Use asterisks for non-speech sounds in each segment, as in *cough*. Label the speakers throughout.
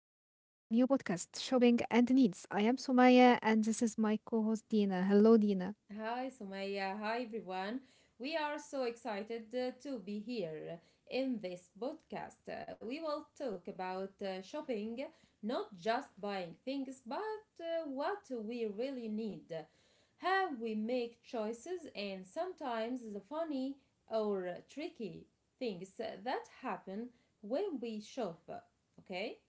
Speaker 1: new podcast, Shopping and Needs. I am Sumaya and this is my co-host Dina. Hello Dina.
Speaker 2: Hi, Sumaya. Hi, everyone. We are so excited to be here in this podcast. We will talk about shopping, not just buying things, but what we really need, how we make choices, and sometimes the funny or tricky things that happen when we shop. Okay?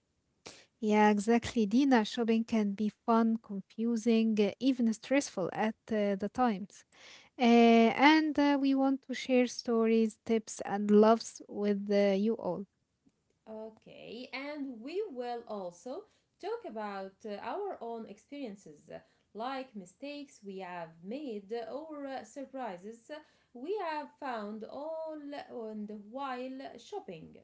Speaker 1: Yeah, exactly. Dina, shopping can be fun, confusing, even stressful at the times. And We want to share stories, tips, and loves with you all.
Speaker 2: Okay, and we will also talk about our own experiences, like mistakes we have made or surprises we have found all on the while shopping.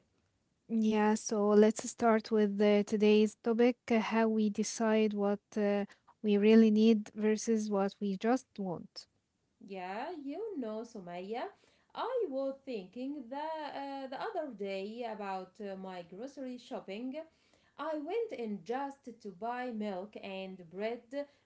Speaker 1: Yeah, so let's start with today's topic, how we decide what we really need versus what we just want.
Speaker 2: Yeah, you know, Sumaya, I was thinking the other day about my grocery shopping. I went in just to buy milk and bread,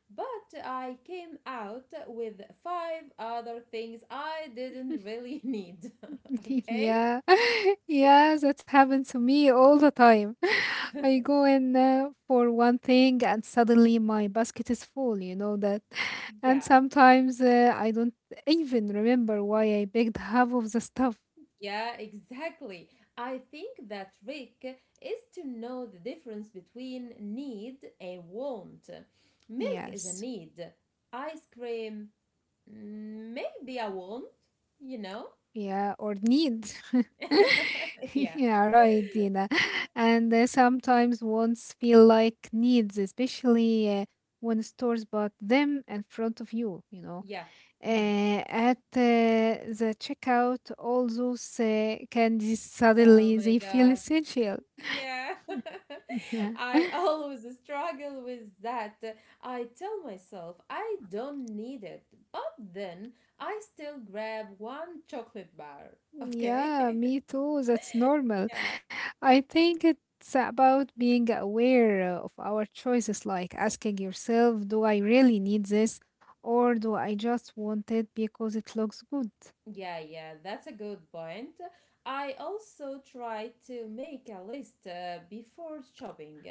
Speaker 2: but I came out with five other things I didn't really *laughs* need. *laughs*
Speaker 1: *laughs*
Speaker 2: Okay?
Speaker 1: Yeah, *laughs* yeah, that happened to me all the time. *laughs* I go in for one thing and suddenly my basket is full, you know that. *laughs* And
Speaker 2: Yeah.
Speaker 1: sometimes I don't even remember why I picked half of the stuff.
Speaker 2: Yeah, exactly. I think that trick is to know the difference between need and want. Milk is a
Speaker 1: Yes,
Speaker 2: need. Ice cream, maybe a want, you know?
Speaker 1: yeah, or need. *laughs*
Speaker 2: *laughs* Yeah.
Speaker 1: Yeah, right, Dina. *laughs* And sometimes wants feel like needs, especially when stores bought them in front of you, you know.
Speaker 2: Yeah. hmm
Speaker 1: At the checkout all those candies suddenly
Speaker 2: Oh my
Speaker 1: they feel
Speaker 2: God.
Speaker 1: essential.
Speaker 2: Yeah, *laughs*
Speaker 1: *laughs* Yeah,
Speaker 2: I always struggle with that. I tell myself I don't need it, but then I still grab one chocolate bar.
Speaker 1: yeah,
Speaker 2: Okay?
Speaker 1: me
Speaker 2: *laughs*
Speaker 1: too, that's normal.
Speaker 2: Yeah.
Speaker 1: I think it's about being aware of our choices, like asking yourself, do I really need this or do I just want it because it looks good?
Speaker 2: Yeah, yeah, that's a good point. I also try to make a list before shopping.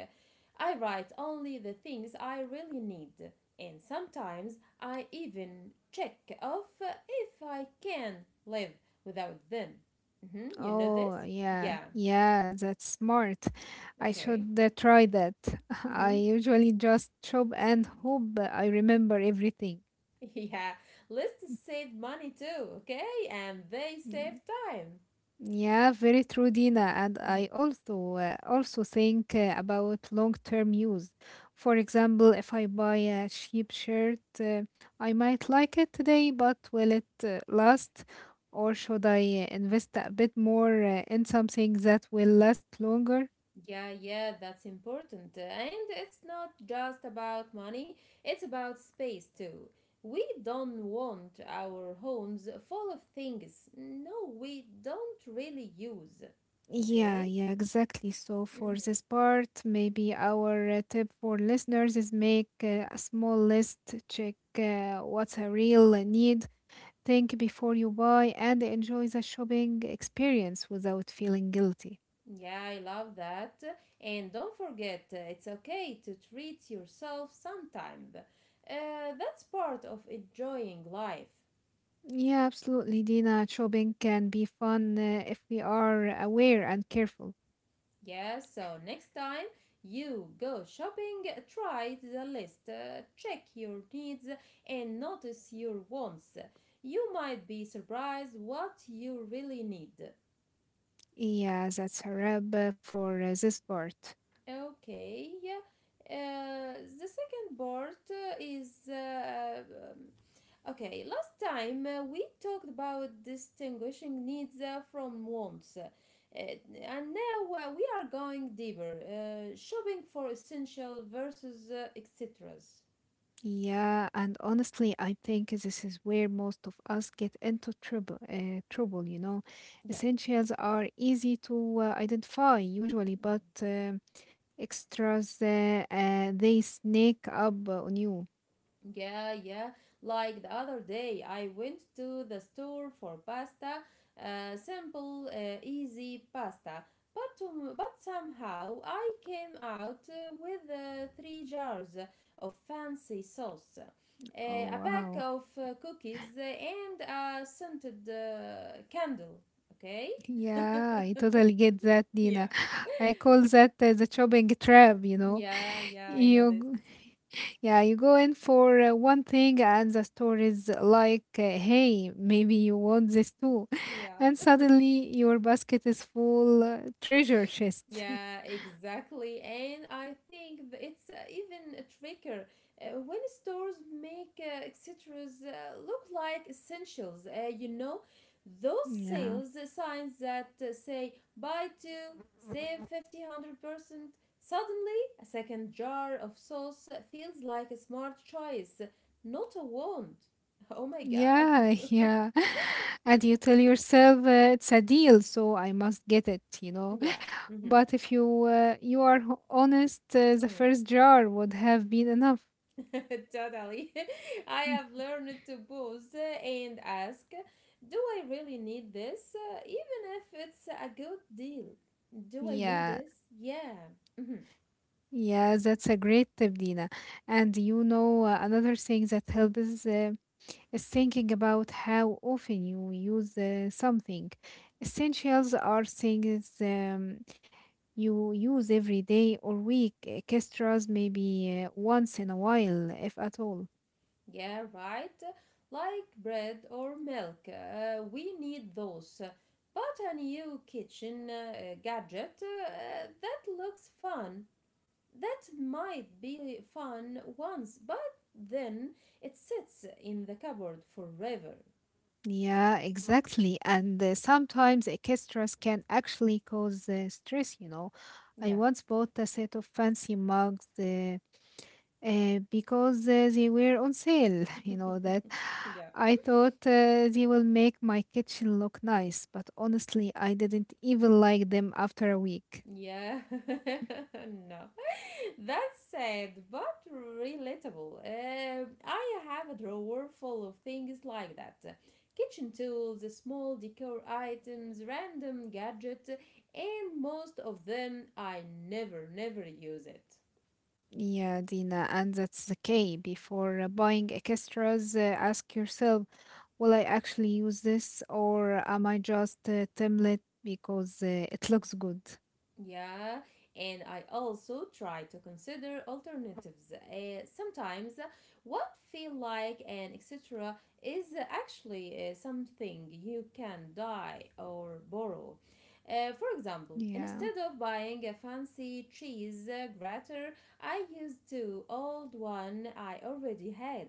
Speaker 2: I write only the things I really need, and sometimes I even check off if I can live without them. You know
Speaker 1: Oh,
Speaker 2: this?
Speaker 1: yeah,
Speaker 2: Yeah,
Speaker 1: yeah, that's smart. I
Speaker 2: okay.
Speaker 1: should try that. *laughs*
Speaker 2: hmm
Speaker 1: I usually just shop and
Speaker 2: *laughs*
Speaker 1: hope I remember everything.
Speaker 2: Yeah, lists save money too, okay? And they save
Speaker 1: Mm,
Speaker 2: time.
Speaker 1: yeah, very true, Dina. And
Speaker 2: Mm-hmm.
Speaker 1: I also think about long-term use. For example, if I buy a cheap shirt, I might like it today, but will it last? Or should I invest a bit more in something that will last longer?
Speaker 2: Yeah, yeah, that's important. And it's not just about money, it's about space too. We don't want our homes full of things. No, we don't really use.
Speaker 1: Yeah,
Speaker 2: Okay?
Speaker 1: yeah, exactly. So for
Speaker 2: Mhm.
Speaker 1: this part, maybe our tip for listeners is make a small list, check what's a real need, think before you buy, and enjoy the shopping experience without feeling guilty.
Speaker 2: Yeah, I love that. And don't forget, it's okay to treat yourself sometime. That's part of enjoying life.
Speaker 1: Yeah, absolutely, Dina. Shopping can be fun if we are aware and careful.
Speaker 2: Yes, so next time you go shopping, try the list, check your needs, and notice your wants. You might be surprised what you really need.
Speaker 1: Yeah, that's a wrap for this part.
Speaker 2: Okay. Yeah. The second part is um, okay. Last time we talked about distinguishing needs from wants, and now we are going deeper. Shopping for essential versus etc.
Speaker 1: Yeah, and honestly, I think this is where most of us get into trouble, you know.
Speaker 2: Yeah.
Speaker 1: Essentials are easy to identify usually, but
Speaker 2: Mm.
Speaker 1: extras, they sneak up on you.
Speaker 2: Yeah, yeah. Like the other day, I went to the store for pasta, simple, easy pasta. But somehow I came out with three jars of fancy sauce,
Speaker 1: Oh,
Speaker 2: a pack
Speaker 1: wow.
Speaker 2: of cookies, and a scented candle. Okay.
Speaker 1: Yeah, I totally get that, Dina.
Speaker 2: Yeah.
Speaker 1: *laughs* I call that the shopping trap, you know.
Speaker 2: Yeah, yeah. I know this.
Speaker 1: You, g- *laughs* yeah, you go in for one thing, and the store is like, hey, maybe you want this too. *laughs* And
Speaker 2: Yeah.
Speaker 1: suddenly your basket is full treasure chest.
Speaker 2: Yeah, exactly. And I think it's even a trickier when stores make accessories look like essentials. You know,
Speaker 1: *laughs*
Speaker 2: those
Speaker 1: Yeah.
Speaker 2: sales signs that say buy two, save 50, 100%. Suddenly, a second jar of sauce feels like a smart choice, not a want. *laughs* Oh my God.
Speaker 1: Yeah, yeah. *laughs* And you tell yourself it's a deal, so I must get it, you know.
Speaker 2: Yeah.
Speaker 1: *laughs*
Speaker 2: Mm-hmm.
Speaker 1: But if you are honest, the
Speaker 2: mm.
Speaker 1: first jar would have been enough.
Speaker 2: *laughs* Totally. *laughs* I have
Speaker 1: *laughs*
Speaker 2: learned to pause and ask, do I really need this? Even if it's a good deal. Do I need
Speaker 1: Yeah,
Speaker 2: this? Yeah. Mhm.
Speaker 1: yeah, that's a great tip, Dina. And you know, another thing that helps is thinking about how often you use something. Essentials are things you use every day or week. Extras maybe once in a while, if at all.
Speaker 2: Yeah, right. Like bread or milk. We need those. But a new kitchen gadget that looks fun. That might be fun once, but then it sits in the cupboard forever.
Speaker 1: Yeah, exactly. And sometimes extras can actually cause stress, you know. I
Speaker 2: Yeah.
Speaker 1: once bought a set of fancy mugs because they were on sale. *laughs* You know that I thought they will make my kitchen look nice, but honestly, I didn't even like them after a week.
Speaker 2: Yeah, *laughs* no, that's sad but relatable. I have a drawer full of things like that: kitchen tools, small decor items, random gadgets, and most of them I never use it.
Speaker 1: Yeah, Dina, and that's the key. Before buying extras, ask yourself, will I actually use this or am I just a template because it looks good?
Speaker 2: Yeah, and I also try to consider alternatives. Sometimes what feel like and etc. is actually something you can buy or borrow. For example,
Speaker 1: Yeah.
Speaker 2: instead of buying a fancy cheese grater, I used to old one I already had.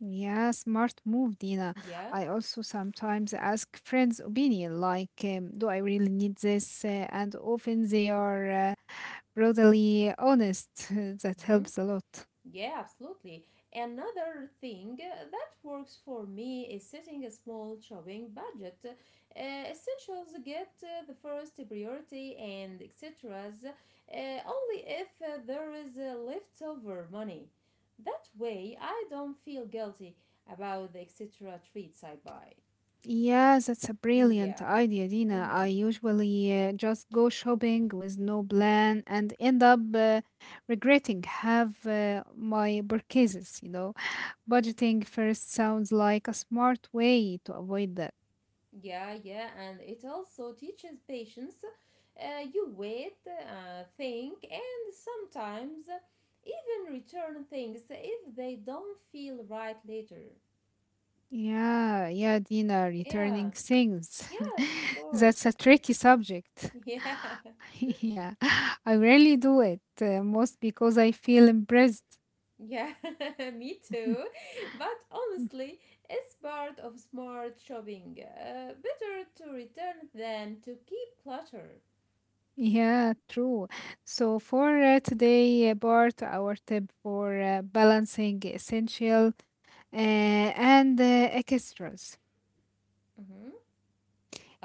Speaker 1: Yeah, smart move, Dina.
Speaker 2: Yeah.
Speaker 1: I also sometimes ask friends' opinion, like, do I really need this? And often they are brutally honest. *laughs* That
Speaker 2: Mm-hmm.
Speaker 1: helps a lot.
Speaker 2: Yeah, absolutely. Another thing that works for me is setting a small shopping budget. Essentials get the first priority and etc's only if there is leftover money. That way, I don't feel guilty about the etc. treats I buy.
Speaker 1: Yeah, that's a
Speaker 2: Mm, yeah.
Speaker 1: brilliant idea, Dina. I
Speaker 2: Mhm.
Speaker 1: usually just go shopping with no plan and end up regretting have my purchases, you know. Budgeting first sounds like a smart way to avoid that.
Speaker 2: Yeah, yeah, and it also teaches patience. You wait, think, and sometimes even return things if they don't feel right later.
Speaker 1: Yeah, yeah, Dina,
Speaker 2: Yeah,
Speaker 1: returning things.
Speaker 2: yes, of
Speaker 1: *laughs* That's a
Speaker 2: course.
Speaker 1: tricky subject. *laughs*
Speaker 2: *laughs*
Speaker 1: Yeah, I rarely do it, most because I feel impressed.
Speaker 2: Yeah, yeah, *laughs* me too.
Speaker 1: *laughs*
Speaker 2: But honestly, it's part of smart shopping. Better to return than to keep clutter.
Speaker 1: Yeah, true. So for today, Bart, our tip for balancing essential and extras.
Speaker 2: Mm-hmm.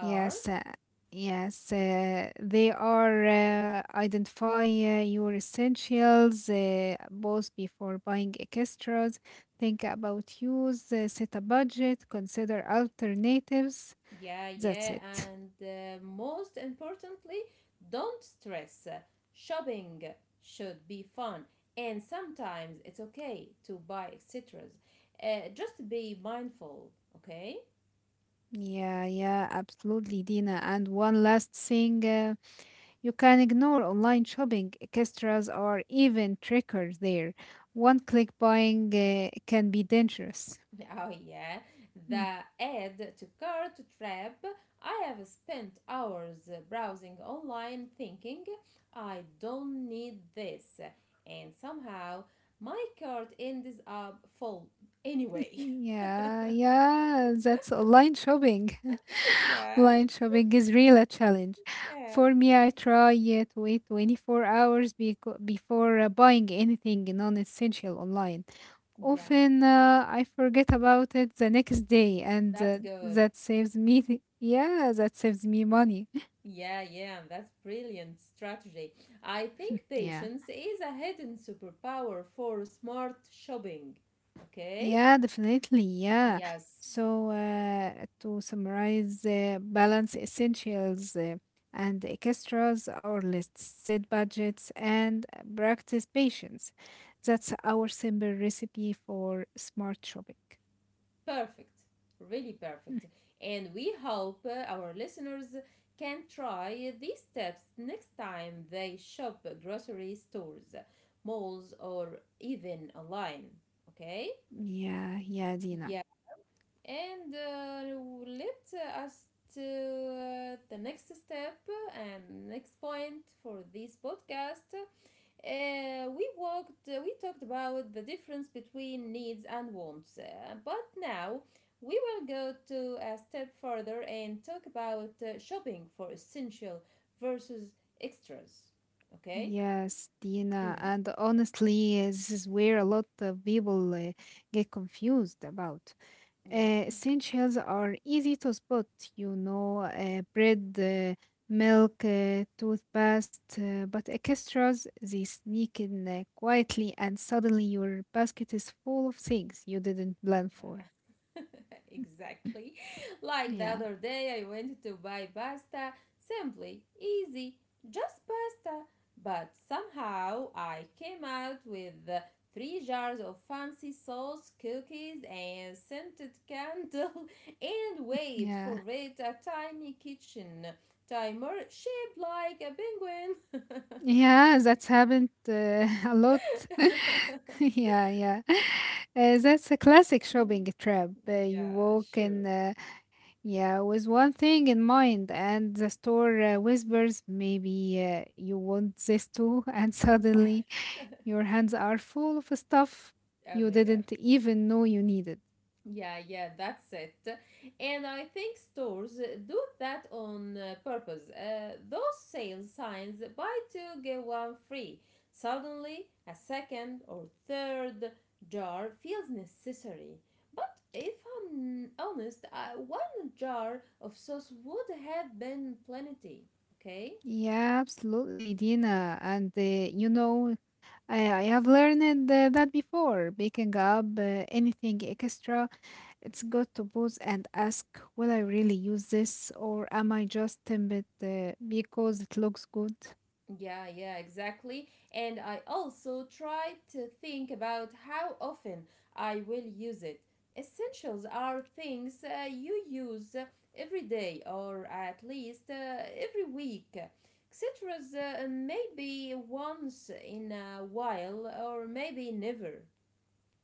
Speaker 2: R
Speaker 1: uh, yes, they are identify your essentials both before buying extras. Think about use, set a budget, consider alternatives.
Speaker 2: Yeah,
Speaker 1: That's
Speaker 2: yeah,
Speaker 1: it.
Speaker 2: and most importantly, don't stress. Shopping should be fun, and sometimes it's okay to buy etc. Just be mindful, okay?
Speaker 1: Yeah, yeah, absolutely, Dina. And one last thing. You can ignore online shopping. Extras or even trickers there. One click buying can be dangerous.
Speaker 2: *laughs* Oh, yeah,
Speaker 1: Mm.
Speaker 2: the add to cart trap. I have spent hours browsing online thinking I don't need this, and somehow my cart ends up full anyway.
Speaker 1: Yeah, yeah, that's online shopping.
Speaker 2: *laughs*
Speaker 1: *laughs*
Speaker 2: Yeah.
Speaker 1: Online shopping is real a challenge.
Speaker 2: Yeah.
Speaker 1: For me, I try to wait 24 hours before buying anything non-essential online.
Speaker 2: Yeah.
Speaker 1: Often I forget about it the next day, and
Speaker 2: That's good.
Speaker 1: that saves me. Yeah, that saves me money. *laughs*
Speaker 2: Yeah, yeah, that's brilliant strategy. I think
Speaker 1: Yeah.
Speaker 2: patience is a hidden superpower for smart shopping. Okay?
Speaker 1: Yeah, definitely. Yeah.
Speaker 2: Yes.
Speaker 1: So, to summarize, balance essentials and extras, our lists, set budgets, and practice patience. That's our simple recipe for smart shopping.
Speaker 2: Perfect. Really
Speaker 1: Hmm.
Speaker 2: perfect. And we hope our listeners can try these steps next time they shop grocery stores, malls, or even online. Okay?
Speaker 1: Yeah, yeah, Dina.
Speaker 2: Yeah. And let us to the next step and next point for this podcast. We talked about the difference between needs and wants, but now we will go to a step further and talk about shopping for essential versus extras. Okay.
Speaker 1: Yes, Dina.
Speaker 2: Mm,
Speaker 1: And honestly, this is where a lot of people get confused about.
Speaker 2: yeah.
Speaker 1: Essentials are easy to spot, you know, bread, milk, toothpaste, but extras, they sneak in quietly, and suddenly your basket is full of things you didn't plan for.
Speaker 2: Yeah, *laughs*
Speaker 1: *laughs*
Speaker 2: exactly. Like the
Speaker 1: Yeah,
Speaker 2: other day, I went to buy pasta. Simply, easy, just pasta. But somehow I came out with three jars of fancy sauce, cookies, and scented candle. *laughs* And wait
Speaker 1: yeah,
Speaker 2: for it, a tiny kitchen timer shaped like a
Speaker 1: yeah, that's happened *laughs* a lot. *laughs*
Speaker 2: penguin. *laughs*
Speaker 1: Yeah, yeah. That's a classic shopping trap. You
Speaker 2: Yeah,
Speaker 1: walk in.
Speaker 2: sure.
Speaker 1: Yeah, with one thing in mind, and the store whispers, maybe you want this too, *laughs* and suddenly your hands are full of stuff
Speaker 2: Oh
Speaker 1: you
Speaker 2: my god.
Speaker 1: didn't even know you needed.
Speaker 2: Yeah, yeah, that's it. And I think stores do that on purpose. Those sale signs, buy two, get one free. Suddenly, a second or third jar feels necessary. But if I'm honest, one jar of sauce would have been plenty. Okay?
Speaker 1: Yeah, absolutely, Dina. And you know, I have learned that before. Picking up anything extra, it's good to pause and ask, will I really use this, or am I just tempted because it looks good?
Speaker 2: Yeah, yeah, exactly. And I also try to think about how often I will use it. Essentials are things you use every day or at least every week. Etcetera, maybe once in a while or maybe never.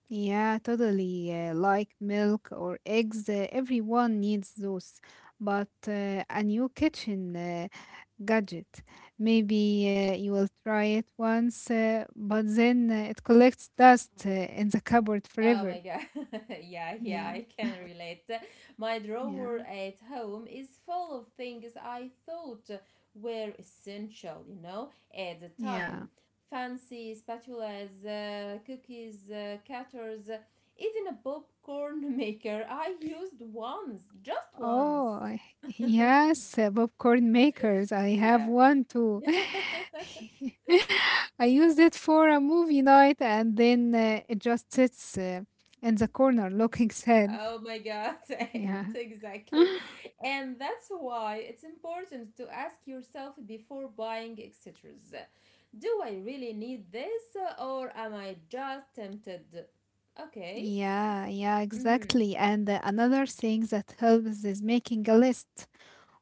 Speaker 1: Yeah, totally. Like milk or eggs, everyone needs those. But a new kitchen gadget, maybe you will try it once, but then it collects dust in the cupboard
Speaker 2: Oh my
Speaker 1: forever.
Speaker 2: god. *laughs* Yeah, yeah,
Speaker 1: Yeah,
Speaker 2: I can relate. My
Speaker 1: yeah,
Speaker 2: drawer at home is full of things I thought were essential, you know, at the
Speaker 1: yeah.
Speaker 2: time. Fancy spatulas, cookies, cutters, even a popcorn *laughs* maker I used once, just once. *laughs*
Speaker 1: Yes, popcorn makers. I have one too.
Speaker 2: Yeah.
Speaker 1: *laughs*
Speaker 2: *laughs*
Speaker 1: I used it for a movie night and then it just sits in the corner looking sad.
Speaker 2: Oh my God,
Speaker 1: Yeah.
Speaker 2: *laughs* exactly.
Speaker 1: *laughs*
Speaker 2: And that's why it's important to ask yourself before buying accessories. Do I really need this or am I just tempted? Okay.
Speaker 1: Yeah, yeah,
Speaker 2: Mm-hmm.
Speaker 1: exactly. And another thing that helps is making a list.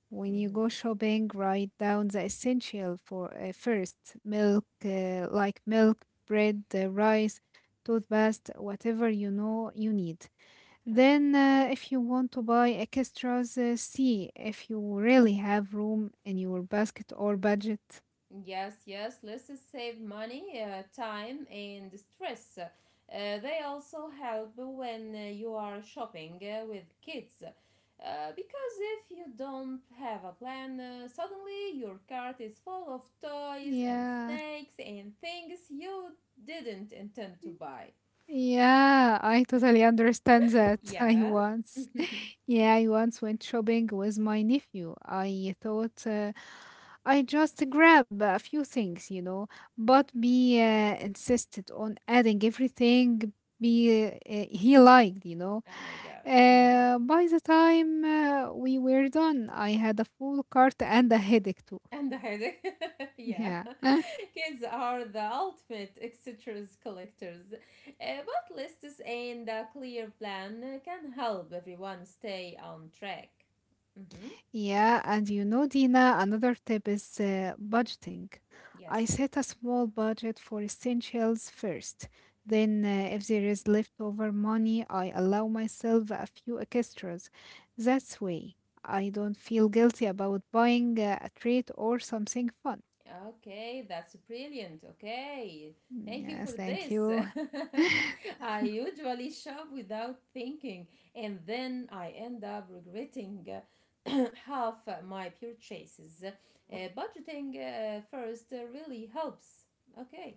Speaker 1: When you
Speaker 2: Mm-hmm.
Speaker 1: go shopping, write down the essential for first milk, like milk, bread, rice, toothpaste, whatever you know you need.
Speaker 2: Okay.
Speaker 1: Then, if you want to buy extras, see if you really have room in your basket or budget.
Speaker 2: Yes, yes, let's save money, time, and stress. They also help when you are shopping with kids. Because if you don't have a plan, suddenly your cart is full of toys and
Speaker 1: Yeah.
Speaker 2: snacks and things you didn't intend to buy.
Speaker 1: Yeah, I totally understand that. *laughs* I
Speaker 2: Yeah. *laughs*
Speaker 1: once.
Speaker 2: Oh
Speaker 1: Yeah, I once went shopping with my nephew. I thought I just grab a few things, you know, but he insisted on adding everything be, uh, he liked, you know.
Speaker 2: my god. Mm.
Speaker 1: By the time we were done, I had a full cart and a headache too.
Speaker 2: And the headache. *laughs* Yeah.
Speaker 1: *laughs* Yeah.
Speaker 2: Kids are the ultimate etcetera's collectors. But lists and a clear plan can help everyone stay on track. Mm-hmm.
Speaker 1: Yeah, and you know, Dina, another tip is budgeting. I
Speaker 2: Yes.
Speaker 1: set a small budget for essentials first. Then, if there is leftover money, I allow myself a few extras. That's way I don't feel guilty about buying a treat or something fun.
Speaker 2: Okay, that's brilliant. Okay,
Speaker 1: Mm,
Speaker 2: thank you
Speaker 1: yeah,
Speaker 2: for
Speaker 1: thank
Speaker 2: this.
Speaker 1: you. *laughs*
Speaker 2: *laughs* I usually shop without thinking, and then I end up regretting *clears throat* half my purchases. Budgeting first really helps. Okay.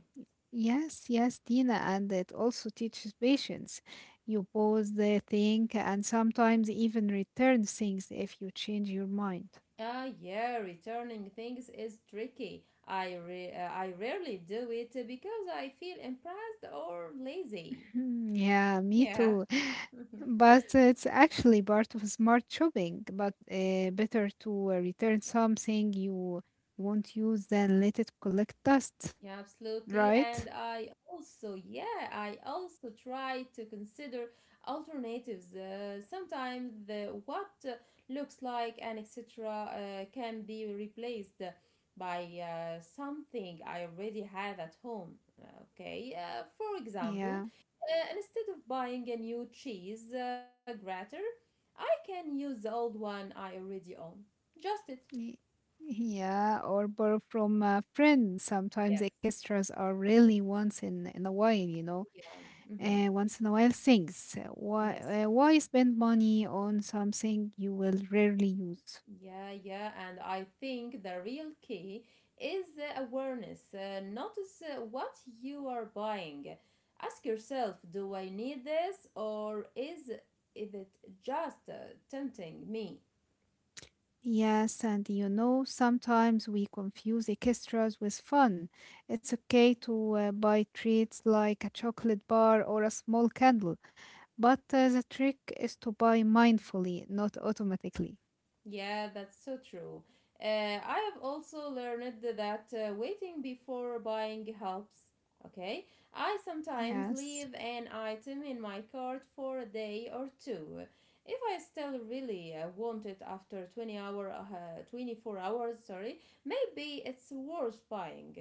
Speaker 1: Yes, yes, Dina, and it also teaches patience. You pause, the think, and sometimes even return things if you change your mind.
Speaker 2: Ah, yeah, returning things is tricky. I rarely do it because I feel impressed or lazy.
Speaker 1: Hmm, yeah, me
Speaker 2: Yeah.
Speaker 1: too. *sighs* *laughs*
Speaker 2: *laughs*
Speaker 1: But it's actually part of smart shopping, but better to return something you won't use than let it collect dust,
Speaker 2: Yeah, absolutely.
Speaker 1: right?
Speaker 2: And I also, yeah, I also try to consider alternatives. Sometimes the what looks like an etc. Can be replaced by something I already have at home. Okay, for example,
Speaker 1: Yeah.
Speaker 2: instead of buying a new cheese grater, I can use the old one I already own. Just it.
Speaker 1: y- Yeah, or borrow from a friend. Sometimes
Speaker 2: Yes.
Speaker 1: extras are really once in a while, you know.
Speaker 2: Yeah. Mm-hmm.
Speaker 1: Once in a while things.
Speaker 2: Yes.
Speaker 1: Why spend money on something you will rarely use?
Speaker 2: Yeah, yeah, and I think the real key is the awareness. Notice what you are buying. Ask yourself, do I need this or is it just tempting me?
Speaker 1: Yes, and you know, sometimes we confuse extras with fun. It's okay to buy treats like a chocolate bar or a small candle, but the trick is to buy mindfully, not automatically.
Speaker 2: Yeah, that's so true. I have also learned that waiting before buying helps. Okay, I sometimes
Speaker 1: Yes.
Speaker 2: leave an item in my cart for a day or two. If I still really want it after 24 hours, sorry, maybe it's worth buying.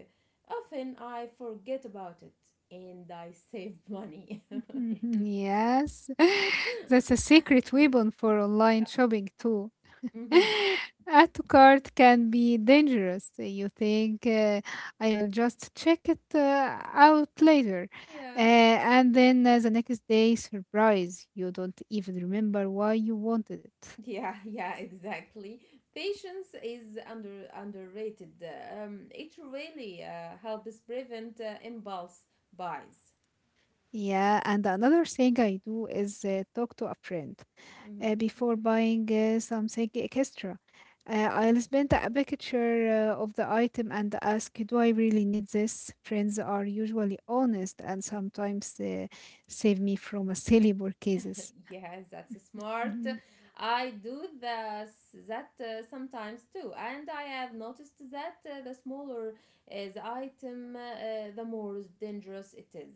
Speaker 2: Often I forget about it and I save money. *laughs*
Speaker 1: *laughs* Yes. *laughs* That's a secret weapon for online shopping, too.
Speaker 2: hmm
Speaker 1: *laughs* Add to cart can be dangerous. You think I will just check it out later. Uh,
Speaker 2: Yeah.
Speaker 1: and then uh, the next day, surprise, you don't even remember why you wanted it.
Speaker 2: Yeah, *laughs* yeah, exactly. Patience is underrated. It really helps prevent impulse buys.
Speaker 1: Yeah, and another thing I do is talk to a friend,
Speaker 2: Mm-hmm.
Speaker 1: before buying something extra. I'll spend a picture of the item and ask, do I really need this? Friends are usually honest and sometimes save me from a silly purchases.
Speaker 2: *laughs* Yes, that's smart.
Speaker 1: Yeah. *laughs*
Speaker 2: I do this, that sometimes too, and I have noticed that the smaller the item, the more dangerous it is.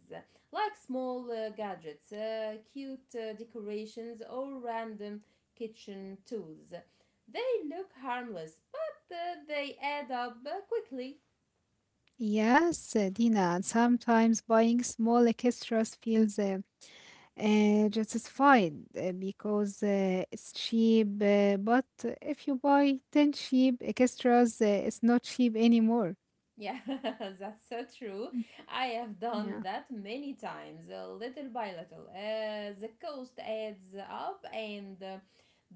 Speaker 2: Like small gadgets, cute decorations, or random kitchen tools. They look harmless, but they add up quickly.
Speaker 1: Yes, Dina, and sometimes buying small extras feels justified because it's cheap. But if you buy 10 cheap extras, it's not cheap anymore.
Speaker 2: Yeah, *laughs* that's so true.
Speaker 1: *laughs* Mm,
Speaker 2: I have done
Speaker 1: yeah.
Speaker 2: that many times, little by little. The cost adds up, and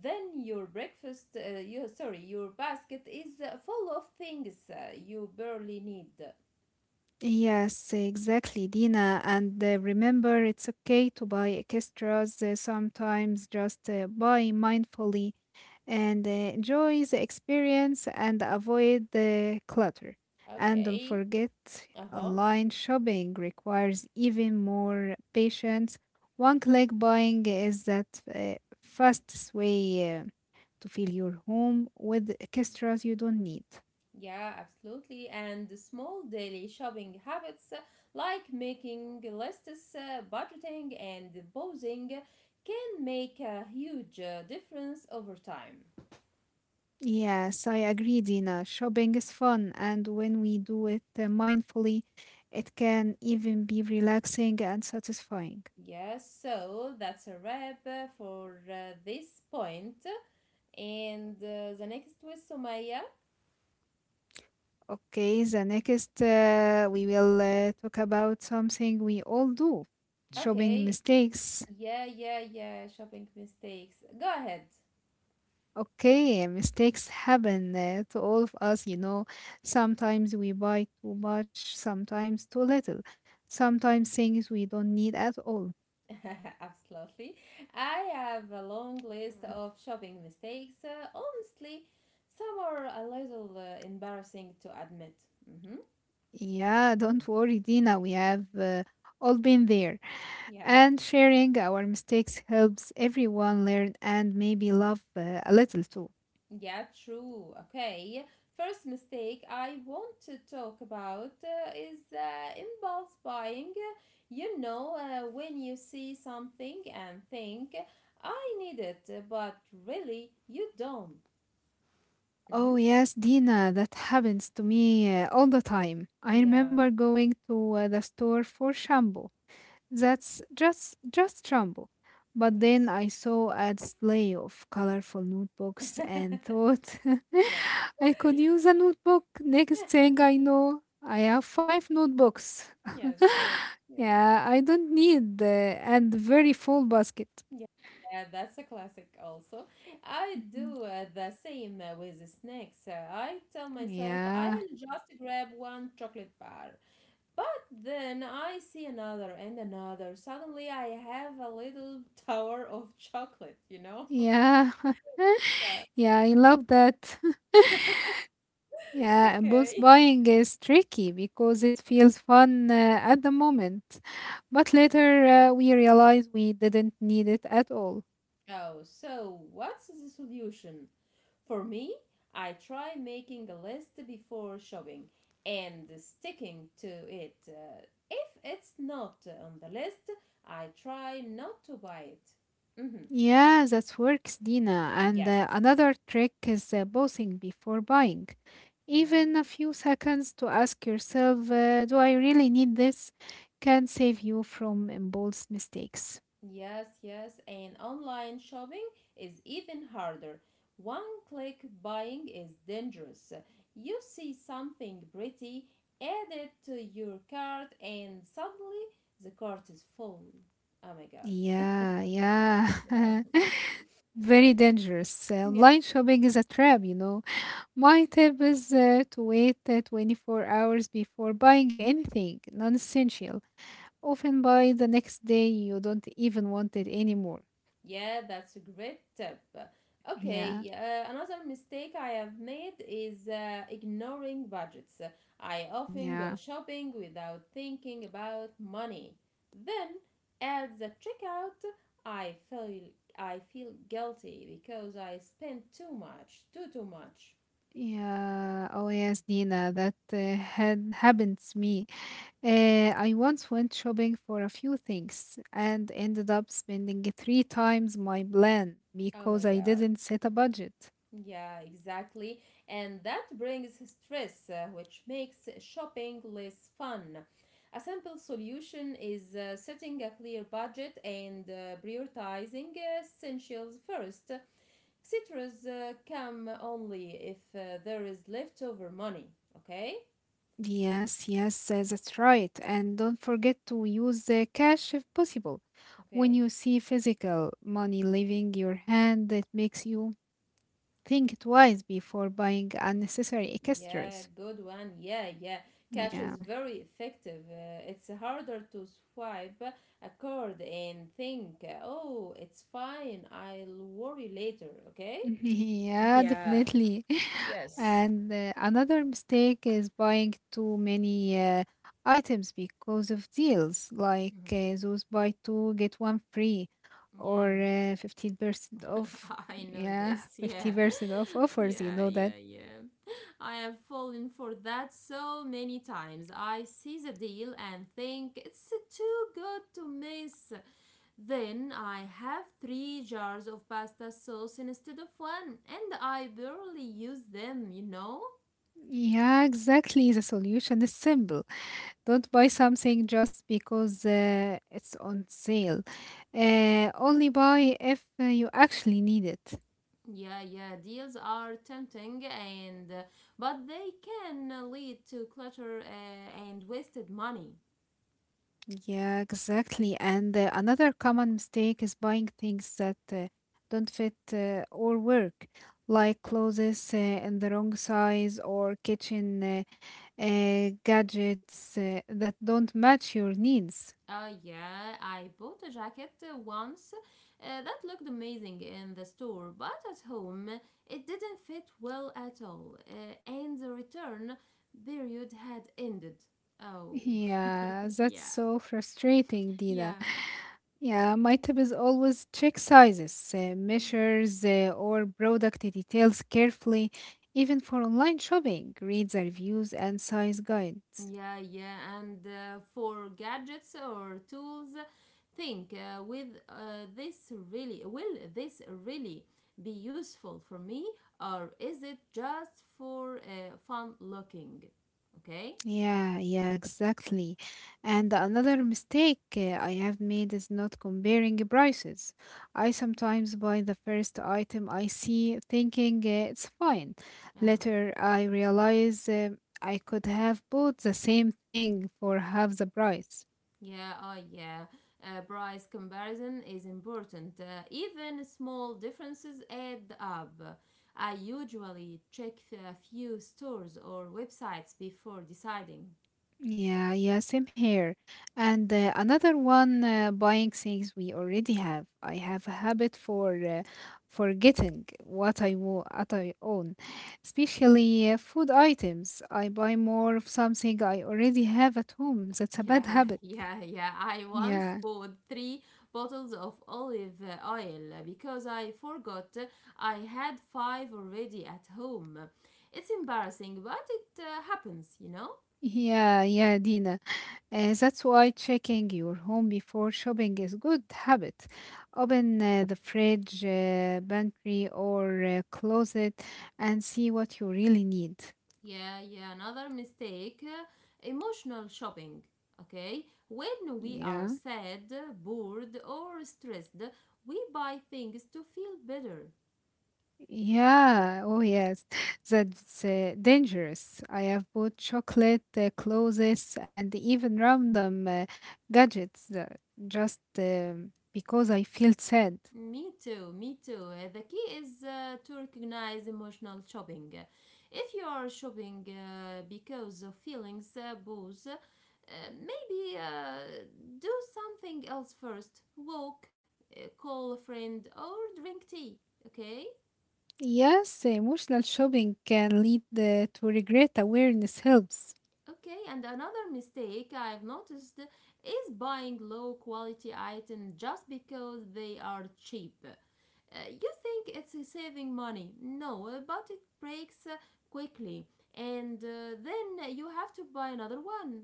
Speaker 2: then your breakfast, you sorry, your basket is full of things you barely need.
Speaker 1: Yes, exactly, Dina. And remember, it's okay to buy extras sometimes, just buy mindfully and enjoy the experience and avoid the clutter. And don't
Speaker 2: Okay.
Speaker 1: forget,
Speaker 2: Uh huh.
Speaker 1: online shopping requires even more patience. One click buying is that fastest way to fill your home with extras you don't need.
Speaker 2: Yeah, absolutely. And the small daily shopping habits like making lists, budgeting, and posing can make a huge difference over time.
Speaker 1: Yes, I agree, Dina. Shopping is fun, and when we do it mindfully, it can even be relaxing and satisfying.
Speaker 2: Yes, so that's a wrap for this point. And the next was Sumaya.
Speaker 1: Okay, the next we will talk about something we all do, shopping
Speaker 2: Okay,
Speaker 1: mistakes.
Speaker 2: yeah, shopping mistakes. Go ahead.
Speaker 1: Okay, mistakes happen to all of us, you know. Sometimes we buy too much, sometimes too little, sometimes things we don't need at all.
Speaker 2: *laughs* Absolutely. I have a long list. Mm. Of shopping mistakes. Honestly, some are a little embarrassing to admit. Mm-hmm.
Speaker 1: Yeah, don't worry, Dina. We have all been there.
Speaker 2: Yeah.
Speaker 1: And sharing our mistakes helps everyone learn and maybe love a little too.
Speaker 2: Yeah, true. Okay. First mistake I want to talk about is impulse buying. When you see something and think, I need it, but really you don't. Mm-hmm.
Speaker 1: Oh, yes, Dina, that happens to me all the time. I
Speaker 2: Yeah,
Speaker 1: remember going to the store for shampoo. That's just Trumbo. But then
Speaker 2: yes.
Speaker 1: I saw a display of colorful notebooks and
Speaker 2: *laughs*
Speaker 1: thought
Speaker 2: Yeah.
Speaker 1: *laughs* I could use a notebook. Next thing I
Speaker 2: *laughs*
Speaker 1: know, I have five notebooks. *laughs*
Speaker 2: Yes, yes, yes.
Speaker 1: Yeah, I don't need and very full basket.
Speaker 2: Yeah. Yeah, that's a classic also. I
Speaker 1: Mhm.
Speaker 2: do the same with the snacks. I tell myself
Speaker 1: Yeah,
Speaker 2: I'll just grab one chocolate bar. But then I see another and another. Suddenly I have a little *laughs* tower of chocolate? *laughs*
Speaker 1: yeah,
Speaker 2: Yeah.
Speaker 1: *laughs* yeah. I love that. *laughs* Yeah, and both
Speaker 2: Okay.
Speaker 1: buying is tricky because it feels fun at the moment, but later we realize we didn't need it at all.
Speaker 2: Oh, so what's the solution? For me, I try making a list before shopping and sticking to it. If it's not on the list, I try not to buy it. Hmm.
Speaker 1: Yeah, that works, Dina. And
Speaker 2: Yes.
Speaker 1: another trick is bossing before buying. Even
Speaker 2: Yeah.
Speaker 1: a few seconds to ask yourself, do I really need this, can save you from impulse mistakes.
Speaker 2: Yes, yes, and online shopping is even harder. One click buying is dangerous. You see something pretty, add it to your cart, and suddenly the cart is full. Oh my god.
Speaker 1: Yeah,
Speaker 2: Yeah.
Speaker 1: yeah. *laughs* Very dangerous. Online shopping is a trap, you know. My tip is to wait 24 hours before buying anything non essential. Often by the next day, you don't even want it anymore.
Speaker 2: Yeah, that's a great tip.
Speaker 1: Yeah,
Speaker 2: Okay, another mistake I have made is ignoring budgets. I often go
Speaker 1: yeah,
Speaker 2: shopping without thinking about money. Then, at the checkout, I feel I feel guilty because I spent too much, too much.
Speaker 1: yeah. Oh, yes, Nina, that had happened to me. I once went shopping for a few things and ended up spending three times my plan
Speaker 2: Oh my
Speaker 1: because I
Speaker 2: god.
Speaker 1: didn't set a budget.
Speaker 2: Yeah, exactly. And that brings stress, which makes shopping less fun. A simple solution is setting a clear budget and prioritizing essentials first. Citrus come only if there is leftover money. Okay?
Speaker 1: Yes, yes, that's right. And don't forget to use the cash if possible. When
Speaker 2: Okay.
Speaker 1: you see physical money leaving your hand, it makes you think twice before buying unnecessary
Speaker 2: Yeah,
Speaker 1: extras.
Speaker 2: good one. Yeah, yeah. Cash is
Speaker 1: Yeah.
Speaker 2: very effective. It's harder to swipe a card and think, oh, it's fine, I'll worry later, okay?
Speaker 1: *laughs* Yeah,
Speaker 2: Yeah,
Speaker 1: definitely. *laughs*
Speaker 2: yes.
Speaker 1: And another mistake is buying too many items because of deals, like those buy two get one free or
Speaker 2: Yeah,
Speaker 1: 15% off.
Speaker 2: *laughs* I know
Speaker 1: Yeah,
Speaker 2: this. Yeah,
Speaker 1: 50% off
Speaker 2: *laughs*
Speaker 1: offers, you
Speaker 2: yeah,
Speaker 1: know that.
Speaker 2: yeah, yeah. I have fallen for that so many times. I see the deal and think it's too good to miss. Then I have three jars of pasta sauce instead of one, and I barely use them, you know?
Speaker 1: Yeah, exactly. The solution is simple. Don't buy something just because it's on sale. Only buy if you actually need it.
Speaker 2: Yeah, yeah, deals are tempting and but they can lead to clutter and wasted money.
Speaker 1: Yeah, exactly. And another common mistake is buying things that don't fit or work, like clothes in the wrong size or kitchen gadgets that don't match your needs.
Speaker 2: Yeah, I bought a jacket once that looked amazing in the store, but at home it didn't fit well at all, and the return period had ended. Oh.
Speaker 1: Yeah,
Speaker 2: *laughs*
Speaker 1: that's
Speaker 2: Yeah.
Speaker 1: so frustrating, Dina.
Speaker 2: Yeah.
Speaker 1: Yeah, my tip is always check sizes,
Speaker 2: Mm.
Speaker 1: measures, or product details carefully, even for online shopping. Read the reviews and size guides.
Speaker 2: Yeah, yeah. And for gadgets or tools, think with this really will this really be useful for me or is it just for fun looking? Okay?
Speaker 1: Yeah, yeah, exactly. And another mistake I have made is not comparing prices. I sometimes buy the first item I see thinking it's fine.
Speaker 2: Oh.
Speaker 1: Later, I realize I could have bought the same thing for half the price.
Speaker 2: Yeah, oh yeah. Price comparison is important. Even small differences add up. I usually check a few stores or websites before deciding.
Speaker 1: Yeah, yeah, same here. And another one, buying things we already have. I have a habit for forgetting what I what I own, especially food items. I buy more of something I already have at home. That's a bad
Speaker 2: Yeah, *laughs*
Speaker 1: habit.
Speaker 2: yeah, yeah. I once
Speaker 1: Yeah,
Speaker 2: bought three bottles of olive oil because I forgot I had five already at home. It's embarrassing, but it happens, you know?
Speaker 1: yeah, yeah, Dina. That's why checking your home before shopping is good habit. Open the fridge, pantry, or closet and see what you really need.
Speaker 2: Yeah, yeah. Another mistake emotional shopping. Okay? When we are
Speaker 1: Yeah.
Speaker 2: sad, bored, or stressed, we buy things to feel better.
Speaker 1: Yeah. Oh, yes. *laughs* That's dangerous. I have bought chocolate, clothes, and even random gadgets just because I feel sad.
Speaker 2: Me too, me too. The key is to recognize emotional shopping. If you are shopping because of feelings, booze, maybe do something else first. Walk, call a friend, or drink tea, okay?
Speaker 1: Yes, emotional shopping can lead to regret. Awareness helps.
Speaker 2: Okay, and another mistake I've noticed is buying low quality items just because they are cheap. You think it's saving money. No, but it breaks quickly, and then you have to buy another one.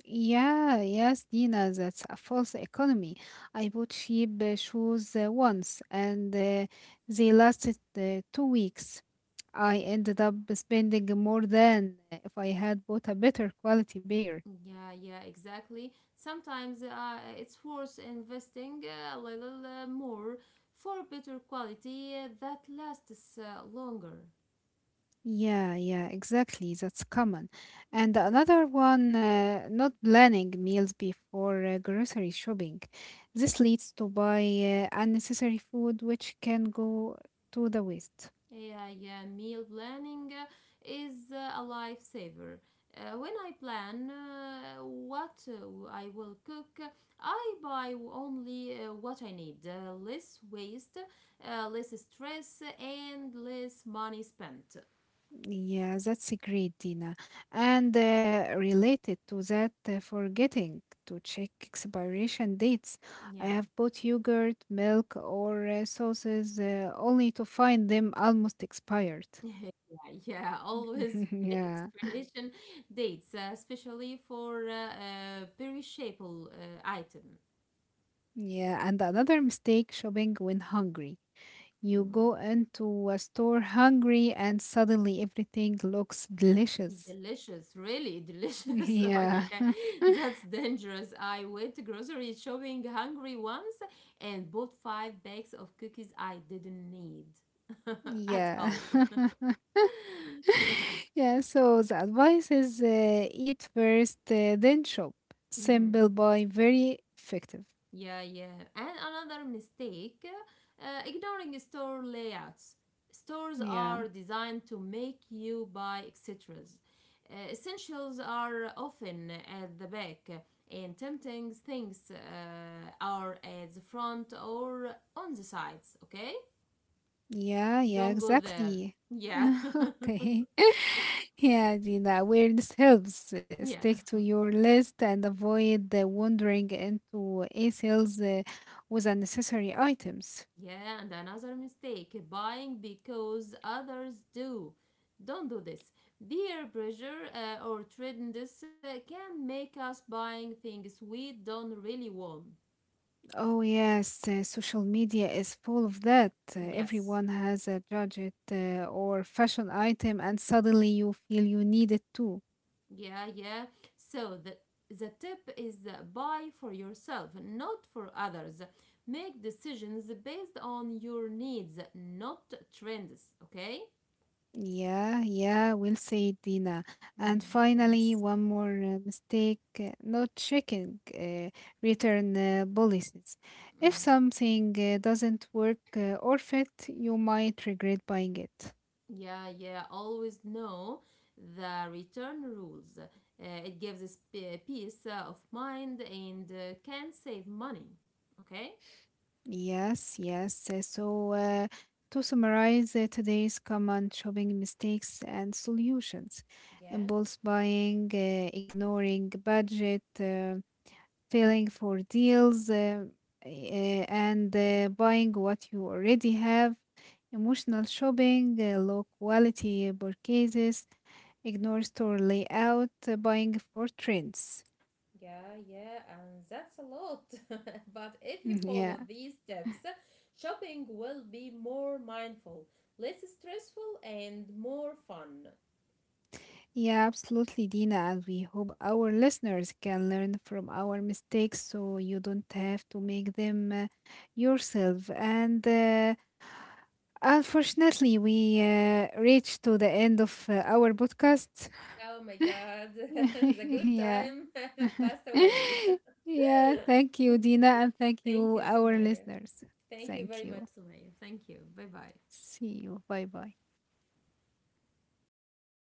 Speaker 1: Yeah, yes, Dina, that's a false economy. I bought cheap shoes once and they lasted 2 weeks. I ended up spending more than if I had bought a better quality pair.
Speaker 2: Yeah, yeah, exactly. Sometimes it's worth investing a little more for better quality that lasts longer.
Speaker 1: Yeah, yeah, exactly. That's common. And another one, not planning meals before grocery shopping. This leads to buy unnecessary food, which can go to the waste.
Speaker 2: AI meal planning is a lifesaver. When I plan what I will cook, I buy only what I need. Less waste, less stress, and less money spent.
Speaker 1: Yeah, that's a great, Dina. And related to that, forgetting to check expiration dates. I
Speaker 2: Yeah.
Speaker 1: have bought yogurt, milk, or sauces only to find them almost expired.
Speaker 2: *laughs* Yeah, yeah, always
Speaker 1: *laughs*
Speaker 2: check
Speaker 1: Yeah.
Speaker 2: expiration dates, especially for perishable item.
Speaker 1: Yeah, and another mistake, shopping when hungry. You go
Speaker 2: Mm.
Speaker 1: into a store hungry and suddenly everything looks delicious. *laughs*
Speaker 2: Delicious, really delicious. *laughs* Oh,
Speaker 1: Yeah.
Speaker 2: yeah,
Speaker 1: *laughs*
Speaker 2: that's dangerous. I went grocery shopping hungry once and bought five bags of cookies I didn't need *laughs* at
Speaker 1: Yeah.
Speaker 2: all.
Speaker 1: *laughs*
Speaker 2: *laughs* Yeah.
Speaker 1: Yeah, so the advice is eat first, then shop. Simple
Speaker 2: Mhm.
Speaker 1: but very effective.
Speaker 2: Yeah, yeah. And another mistake ignoring store layouts. Stores
Speaker 1: Yeah.
Speaker 2: are designed to make you buy extras. Essentials are often at the back, and tempting things are at the front or on the sides, okay?
Speaker 1: Yeah, yeah,
Speaker 2: Don't go there.
Speaker 1: exactly. *laughs*
Speaker 2: Yeah.
Speaker 1: Okay. *laughs* Yeah, the awareness helps.
Speaker 2: *laughs* Yeah.
Speaker 1: Stick to your list and avoid wandering into a sales with unnecessary items.
Speaker 2: Yeah, and another mistake buying because others do. Don't do this. Peer pressure or trends can make us buying things we don't really want.
Speaker 1: Oh, yes, social media is full of that.
Speaker 2: Yes.
Speaker 1: Everyone has a gadget or fashion item, and suddenly you feel you need it too.
Speaker 2: Yeah, yeah. So the tip is buy for yourself, not for others. Make decisions based on your needs, not trends, okay?
Speaker 1: Yeah, yeah, we'll say Dina. And
Speaker 2: Mhm.
Speaker 1: finally,
Speaker 2: Thanks.
Speaker 1: one more mistake, not checking return policies. If
Speaker 2: Mhm.
Speaker 1: something doesn't work or fit, you might regret buying it.
Speaker 2: Yeah, yeah, always know the return rules. It gives us peace of mind and can save money. Okay?
Speaker 1: Yes, yes. So, to summarize today's common shopping mistakes and solutions,
Speaker 2: Yeah,
Speaker 1: impulse buying, ignoring budget, feeling for deals and buying what you already have, emotional shopping, low quality purchases, ignore store layout, buying for trends.
Speaker 2: yeah, yeah, and that's a lot. *laughs* But if
Speaker 1: *laughs*
Speaker 2: you
Speaker 1: Mhm. Yeah,
Speaker 2: follow these steps, shopping will be more mindful, less stressful, and more fun.
Speaker 1: yeah, absolutely, Dina. And we hope our listeners can learn from our mistakes so you don't have to make them yourself. And unfortunately, we reached to the end of our podcast.
Speaker 2: Oh my god, *laughs*
Speaker 1: *laughs*
Speaker 2: the good
Speaker 1: Yeah.
Speaker 2: time *laughs* passed away.
Speaker 1: *laughs*
Speaker 2: *laughs*
Speaker 1: Yeah. Thank you, Dina. And thank
Speaker 2: Thank
Speaker 1: you,
Speaker 2: you,
Speaker 1: our
Speaker 2: Sumaya.
Speaker 1: listeners.
Speaker 2: Thank you very
Speaker 1: Thank
Speaker 2: much,
Speaker 1: you.
Speaker 2: Sumaya. Sumaya, thank you. Bye bye.
Speaker 1: See you. Bye bye.